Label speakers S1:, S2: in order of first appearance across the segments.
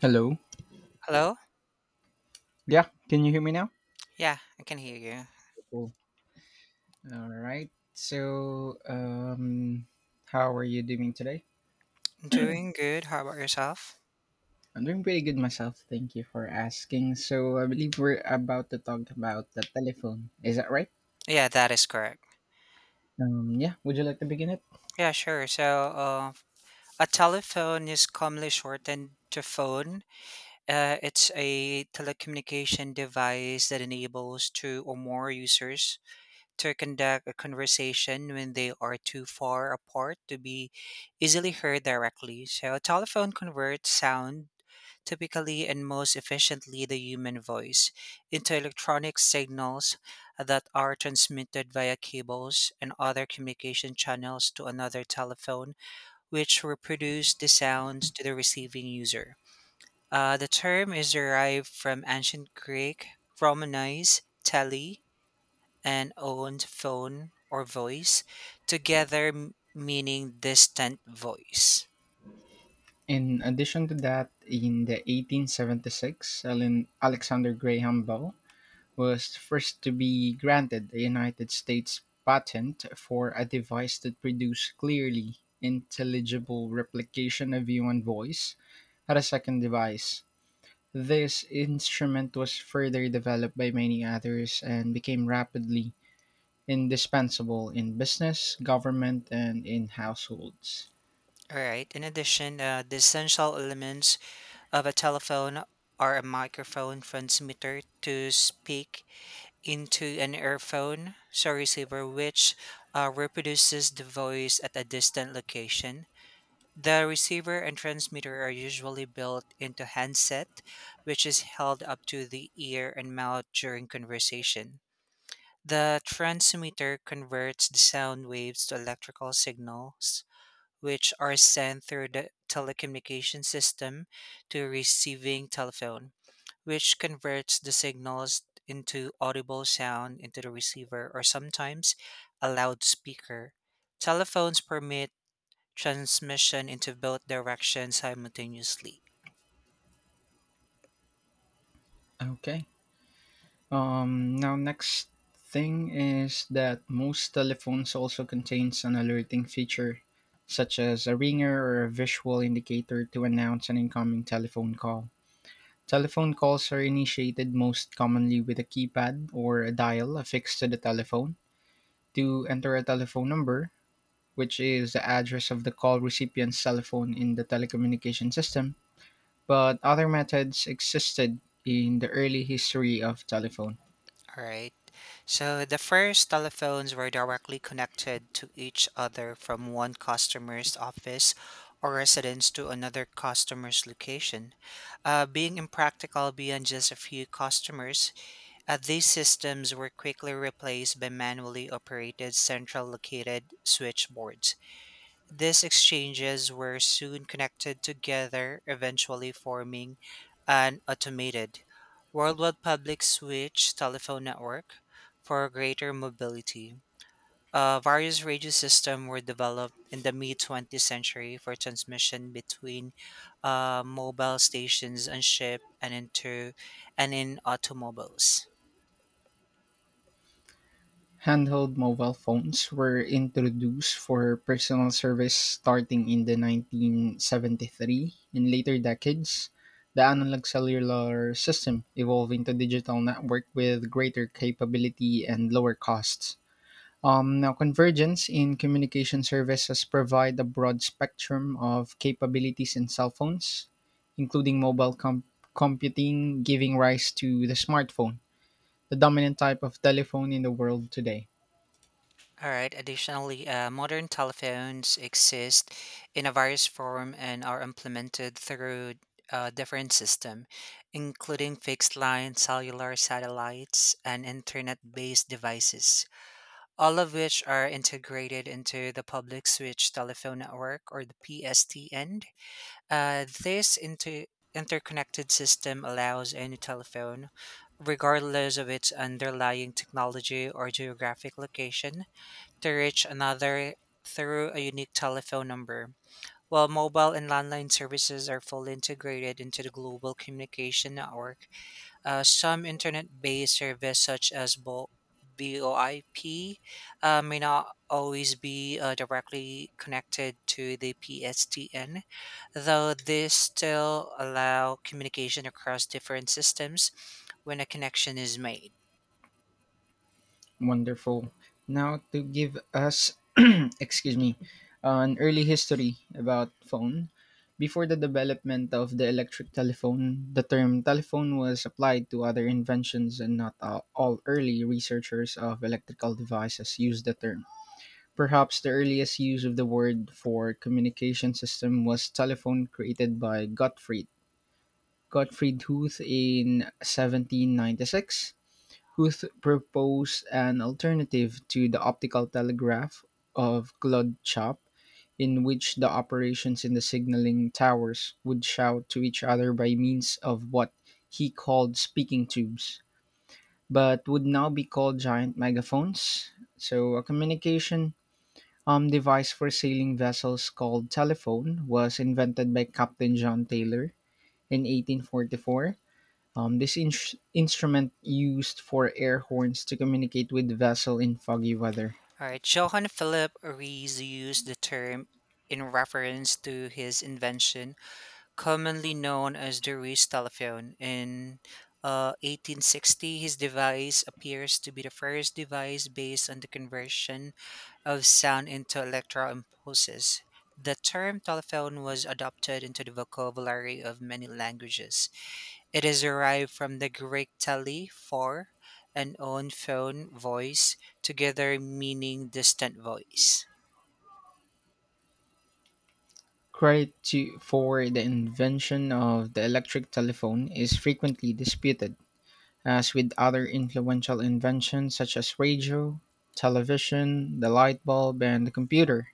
S1: Hello.
S2: Hello?
S1: Yeah, can you hear me now?
S2: Yeah, I can hear you.
S1: Cool. All right. So, how are you doing today?
S2: Doing good. How about yourself?
S1: I'm doing pretty good myself. Thank you for asking. So, I believe we're about to talk about the telephone. Is that right?
S2: Yeah, that is correct.
S1: Yeah, would you like to begin it?
S2: Yeah, sure. So, uh, a telephone is commonly shortened to phone. It's a telecommunication device that enables two or more users to conduct a conversation when they are too far apart to be easily heard directly. So, a telephone converts sound, typically and most efficiently the human voice, into electronic signals that are transmitted via cables and other communication channels to another telephone, which reproduce the sounds to the receiving user. The term is derived from ancient Greek, Romanized tele, and owned phone or voice, together meaning distant voice.
S1: In addition to that, in the 1876, Alan Alexander Graham Bell was first to be granted a United States patent for a device that produced clearly intelligible replication of human voice at a second device. This instrument was further developed by many others and became rapidly indispensable in business, government, and in households.
S2: All right. In addition, the essential elements of a telephone are a microphone transmitter to speak into an earphone, so receiver, which reproduces the voice at a distant location. The receiver and transmitter are usually built into handset, which is held up to the ear and mouth during conversation. The transmitter converts the sound waves to electrical signals, which are sent through the telecommunication system to a receiving telephone, which converts the signals into audible sound into the receiver or sometimes a loudspeaker. Telephones permit transmission into both directions simultaneously.
S1: Okay. Now, next thing is that most telephones also contains an alerting feature, such as a ringer or a visual indicator to announce an incoming telephone call. Telephone calls are initiated most commonly with a keypad or a dial affixed to the telephone to enter a telephone number, which is the address of the call recipient's telephone in the telecommunication system. But other methods existed in the early history of telephone.
S2: All right. So the first telephones were directly connected to each other from one customer's office or residence to another customer's location. Being impractical beyond just a few customers, these systems were quickly replaced by manually operated central located switchboards. These exchanges were soon connected together, eventually forming an automated worldwide public switch telephone network for greater mobility. Various radio systems were developed in the mid 20th century for transmission between mobile stations and ship and into and in automobiles.
S1: Handheld mobile phones were introduced for personal service starting in the 1973. In later decades, the analog cellular system evolved into digital network with greater capability and lower costs. Now, convergence in communication services provide a broad spectrum of capabilities in cell phones, including mobile computing, giving rise to the smartphone, the dominant type of telephone in the world today.
S2: All right. Additionally, modern telephones exist in a various form and are implemented through different system, including fixed line, cellular satellites, and internet-based devices, all of which are integrated into the public switch telephone network or the PSTN. This interconnected system allows any telephone, regardless of its underlying technology or geographic location, to reach another through a unique telephone number. While mobile and landline services are fully integrated into the global communication network, some internet based service such as VoIP may not always be directly connected to the PSTN, though this still allow communication across different systems when a connection is made.
S1: Wonderful. Now to give us, excuse me, an early history about phone. Before the development of the electric telephone, the term telephone was applied to other inventions, and not all early researchers of electrical devices used the term. Perhaps the earliest use of the word for communication system was telephone, created by Gottfried Huth in 1796. Huth proposed an alternative to the optical telegraph of Claude Chop, in which the operations in the signaling towers would shout to each other by means of what he called speaking tubes, but would now be called giant megaphones. So, a communication device for sailing vessels called telephone was invented by Captain John Taylor in 1844. This instrument used for air horns to communicate with vessel in foggy weather.
S2: All right. Johann Philipp Reis used the term in reference to his invention, commonly known as the Reis telephone. In 1860, his device appears to be the first device based on the conversion of sound into electrical impulses. The term telephone was adopted into the vocabulary of many languages. It is derived from the Greek tele for an own phone voice, together meaning distant voice.
S1: Credit to, for the invention of the electric telephone is frequently disputed, as with other influential inventions such as radio, television, the light bulb, and the computer.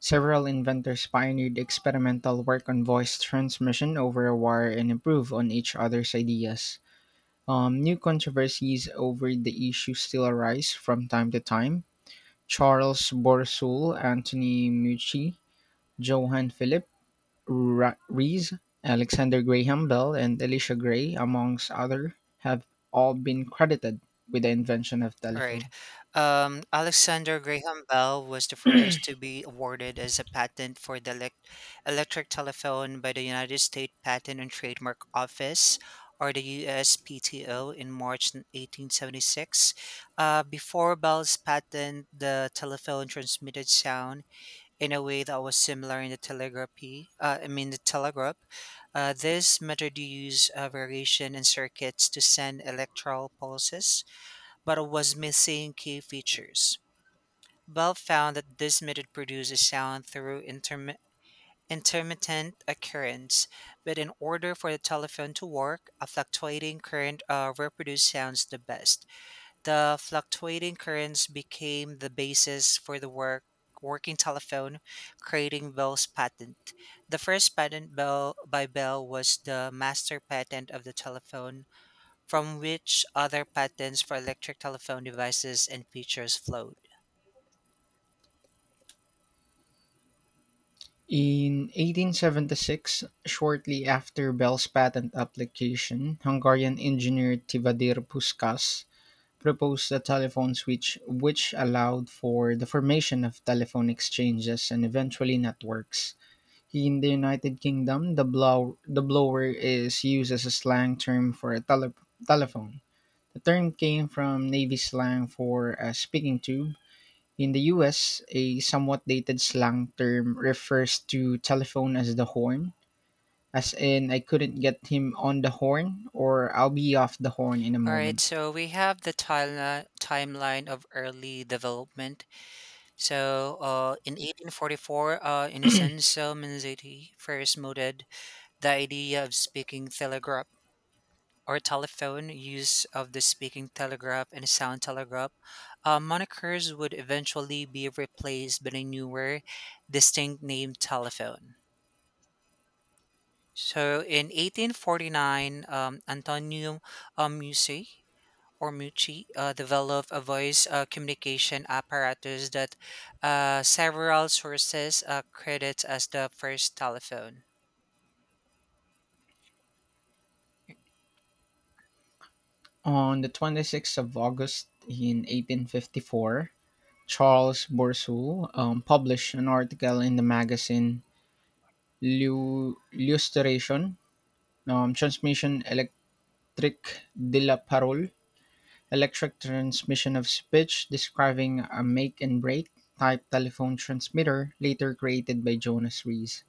S1: Several inventors pioneered experimental work on voice transmission over a wire and improved on each other's ideas. New controversies over the issue still arise from time to time. Charles Borsule, Anthony Mucci, Johann Philipp Rees, Alexander Graham Bell, and Elisha Gray, amongst others, have all been credited with the invention of
S2: All right.
S1: telephone.
S2: Alexander Graham Bell was the first to be awarded as a patent for the electric telephone by the United States Patent and Trademark Office, or the USPTO, in March 1876. Before Bell's patent, the telephone transmitted sound in a way that was similar in the telegraphy. I mean the telegraph. This method used variation in circuits to send electrical pulses, but it was missing key features. Bell found that this method produces sound through intermittent occurrence, but in order for the telephone to work, a fluctuating current reproduced sounds the best. The fluctuating currents became the basis for the working telephone, creating Bell's patent. The first patent Bell by Bell was the master patent of the telephone, from which other patents for electric telephone devices and features flowed.
S1: In 1876, shortly after Bell's patent application, Hungarian engineer Tivadir Puskas proposed the telephone switch, which allowed for the formation of telephone exchanges and eventually networks. In the United Kingdom, the blower is used as a slang term for a telephone. The term came from Navy slang for a speaking tube. In the US, a somewhat dated slang term refers to telephone as the horn, as in I couldn't get him on the horn or I'll be off the horn in a
S2: All right,
S1: moment.
S2: so we have the timeline of early development. So, in 1844, Innocenzo Manizetti first mooted the idea of speaking telegraph or telephone use of the speaking telegraph and sound telegraph. Monikers would eventually be replaced by a newer, distinct name telephone. So in 1849, Antonio Musi or Mucci developed a voice communication apparatus that several sources credit as the first telephone.
S1: On the 26th of August in 1854, Charles Bourseul published an article in the magazine lustration, transmission electric de la parole, electric transmission of speech, describing a make and break type telephone transmitter later created by Jonas Rees.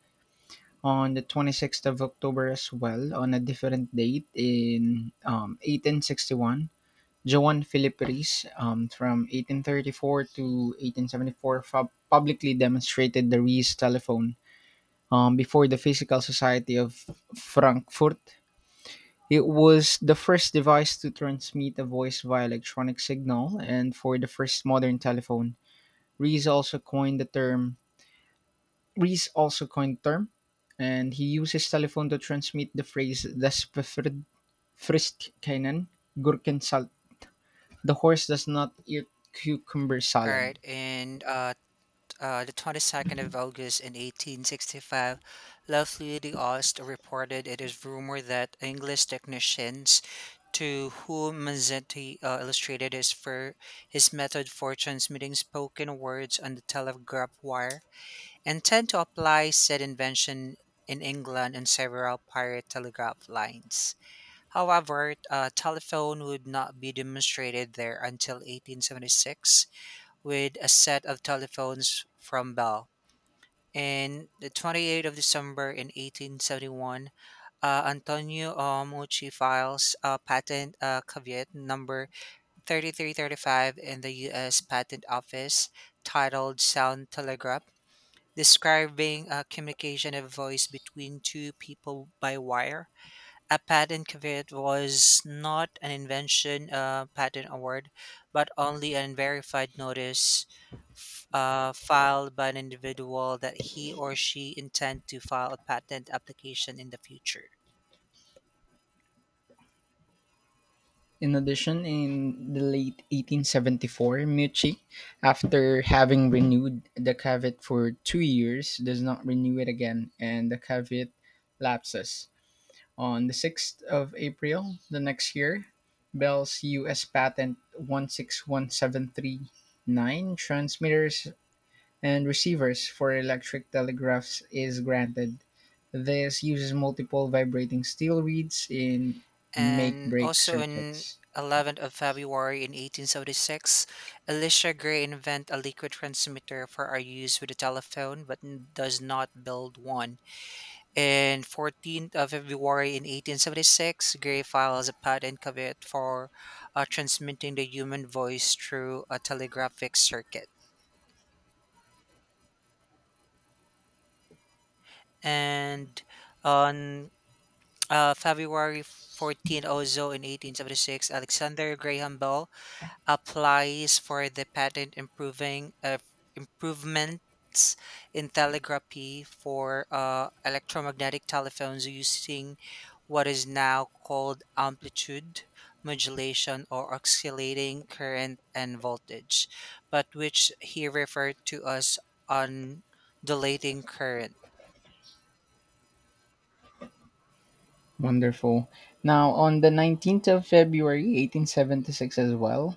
S1: On the 26th of October as well, on a different date in 1861, Johann Philipp Rees from 1834 to 1874 publicly demonstrated the Rees telephone before the Physical Society of Frankfurt. It was the first device to transmit a voice via electronic signal and for the first modern telephone. Rees also coined the term Rees also coined the term and he used his telephone to transmit the phrase Das Pferd frisst keinen Gurkensalat. The horse does not eat cucumber
S2: All
S1: salad.
S2: right. And the 22nd of August in 1865, La de Ost reported it is rumored that English technicians to whom Mazzetti illustrated his method for transmitting spoken words on the telegraph wire intend to apply said invention in England on several pirate telegraph lines. However, a telephone would not be demonstrated there until 1876 with a set of telephones from Bell, and the 28th of December in 1871, Antonio Mucci files patent caveat number 3335 in the U.S. Patent Office titled Sound Telegraph, describing communication of voice between two people by wire. A patent kit was not an invention patent award, but only an verified notice filed by an individual that he or she intend to file a patent application in the future.
S1: In addition, in the late 1874, Mucci, after having renewed the caveat for 2 years, does not renew it again, and the caveat lapses. On the 6th of April the next year, Bell's U.S. Patent 161739, transmitters and receivers for electric telegraphs, is granted. This uses multiple vibrating steel reeds in make
S2: And
S1: break
S2: also on
S1: circuits.
S2: 11th of February in 1876, Elisha Gray invent a liquid transmitter for our use with a telephone, but does not build one. In 14th of February in 1876, Gray files a patent caveat for transmitting the human voice through a telegraphic circuit. And on February 14th also in 1876, Alexander Graham Bell applies for the patent improving of improvements in telegraphy for electromagnetic telephones using what is now called amplitude modulation or oscillating current and voltage, but which he referred to as undulating current.
S1: Wonderful. Now, on the 19th of February, 1876 as well,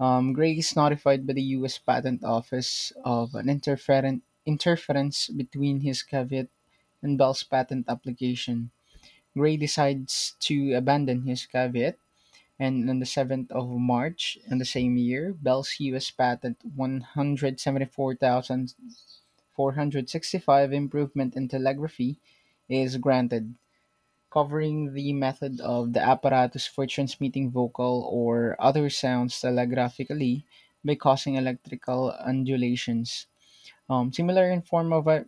S1: Gray is notified by the U.S. Patent Office of an interference between his caveat and Bell's patent application. Gray decides to abandon his caveat, and on the 7th of March in the same year, Bell's U.S. Patent 174,465 Improvement in Telegraphy is granted covering the method of the apparatus for transmitting vocal or other sounds telegraphically by causing electrical undulations, similar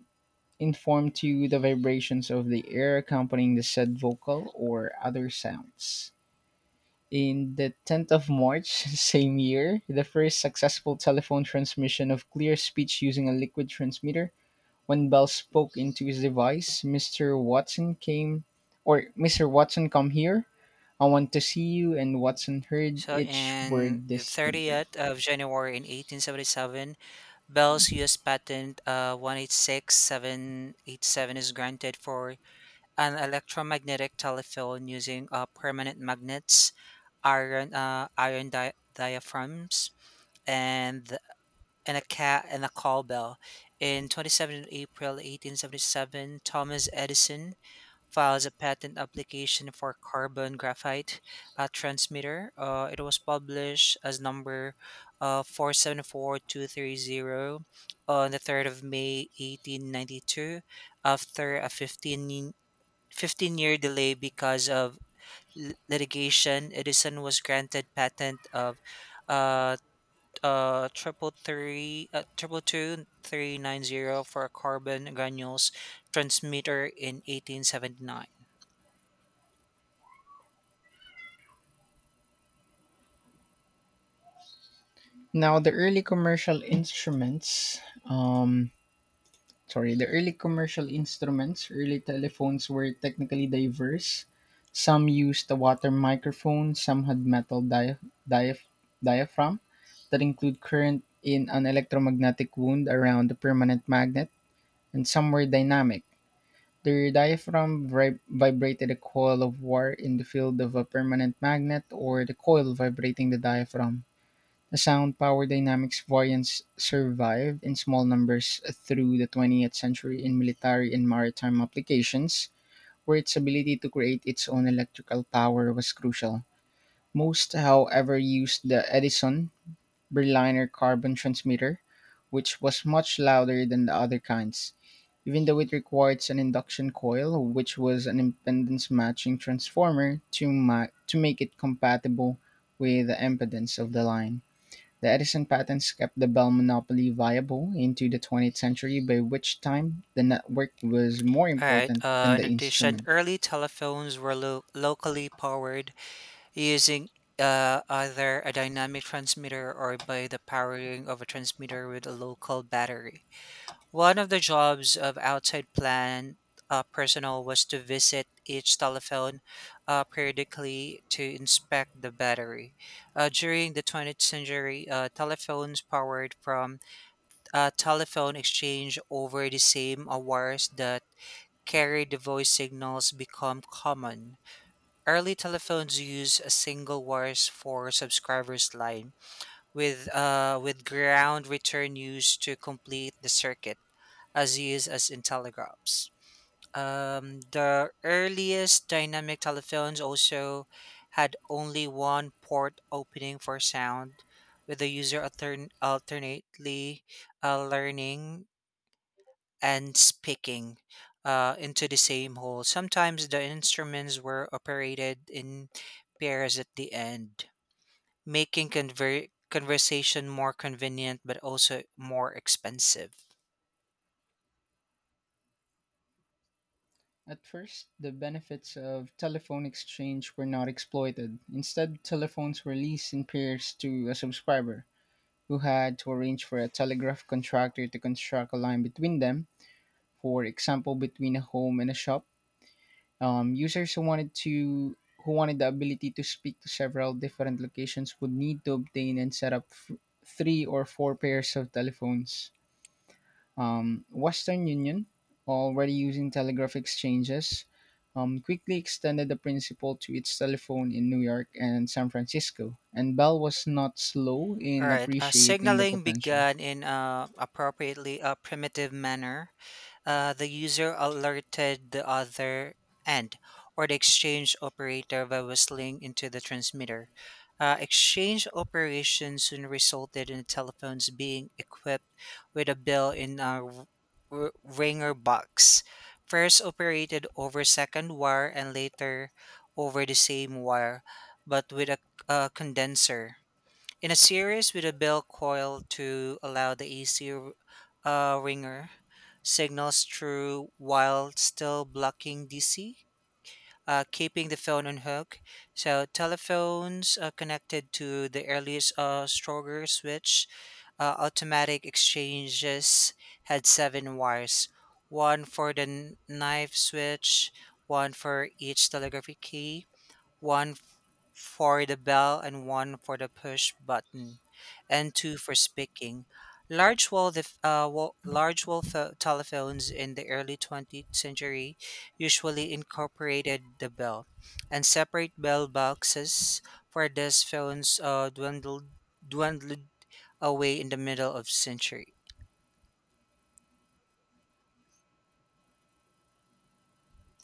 S1: in form to the vibrations of the air accompanying the said vocal or other sounds. In the 10th of March, same year, the first successful telephone transmission of clear speech using a liquid transmitter. When Bell spoke into his device, Mr. Watson came, or Mr. Watson come here, I want to see you, and Watson heard
S2: So
S1: each
S2: in
S1: word distinctly.
S2: 30th of January in 1877, Bell's U.S. Patent 186,787 is granted for an electromagnetic telephone using permanent magnets, iron diaphragms, and th- and a cat and a call bell. In 27 April 1877, Thomas Edison files a patent application for carbon graphite transmitter. It was published as number 474,230 on the 3rd of May 1892 after a fifteen-year delay because of litigation. Edison was granted patent of uh, triple 2390 for carbon granules transmitter in 1879.
S1: Now, the early commercial instruments, early telephones were technically diverse. Some used a water microphone, some had metal dia- diaphragm that include current in an electromagnetic wound around a permanent magnet, and some were dynamic. Their diaphragm vibrated a coil of wire in the field of a permanent magnet or the coil vibrating the diaphragm. The sound power dynamics variants survived in small numbers through the 20th century in military and maritime applications, where its ability to create its own electrical power was crucial. Most, however, used the Edison Berliner carbon transmitter, which was much louder than the other kinds. Even though it required an induction coil, which was an impedance matching transformer to make it compatible with the impedance of the line. The Edison patents kept the Bell monopoly viable into the 20th century, by which time the network was more
S2: All right.
S1: important than
S2: In
S1: the
S2: addition,
S1: instrument.
S2: early telephones were locally powered using either a dynamic transmitter or by the powering of a transmitter with a local battery. One of the jobs of outside plant personnel was to visit each telephone periodically to inspect the battery. During the 20th century, telephones powered from a telephone exchange over the same wires that carry the voice signals become common. Early telephones use a single wires for subscribers' line with ground return used to complete the circuit as used as in telegraphs. The earliest dynamic telephones also had only one port opening for sound, with the user alternately learning and speaking into the same hole. Sometimes the instruments were operated in pairs at the end, making conversation more convenient but also more expensive.
S1: At first, the benefits of telephone exchange were not exploited. Instead, telephones were leased in pairs to a subscriber, who had to arrange for a telegraph contractor to construct a line between them, for example between a home and a shop. Users who wanted the ability to speak to several different locations would need to obtain and set up three or four pairs of telephones. Western Union, already using telegraph exchanges, quickly extended the principle to its telephone in New York and San Francisco, and Bell was not slow
S2: All
S1: in
S2: right,
S1: appreciating the
S2: signaling
S1: potential.
S2: began in appropriately a primitive manner. The user alerted the other end or the exchange operator by whistling into the transmitter. Exchange operations soon resulted in telephones being equipped with a bell in a ringer box, first operated over second wire and later over the same wire, but with a condenser. In a series with a bell coil to allow the AC ringer signals through while still blocking DC, keeping the phone on hook. So telephones are connected to the earliest stronger switch. Automatic exchanges had seven wires, one for the knife switch, one for each telegraphy key, one f- for the bell and one for the push button, and two for speaking. Large wall telephones in the early 20th century usually incorporated the bell, and separate bell boxes for desk phones dwindled away in the middle of century.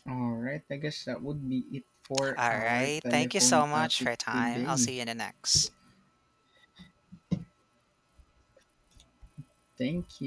S1: All right, I guess that would be it for
S2: All
S1: our
S2: right, thank you so
S1: telephone
S2: much
S1: topic
S2: for your time. I'll
S1: today.
S2: see you in the next.
S1: Thank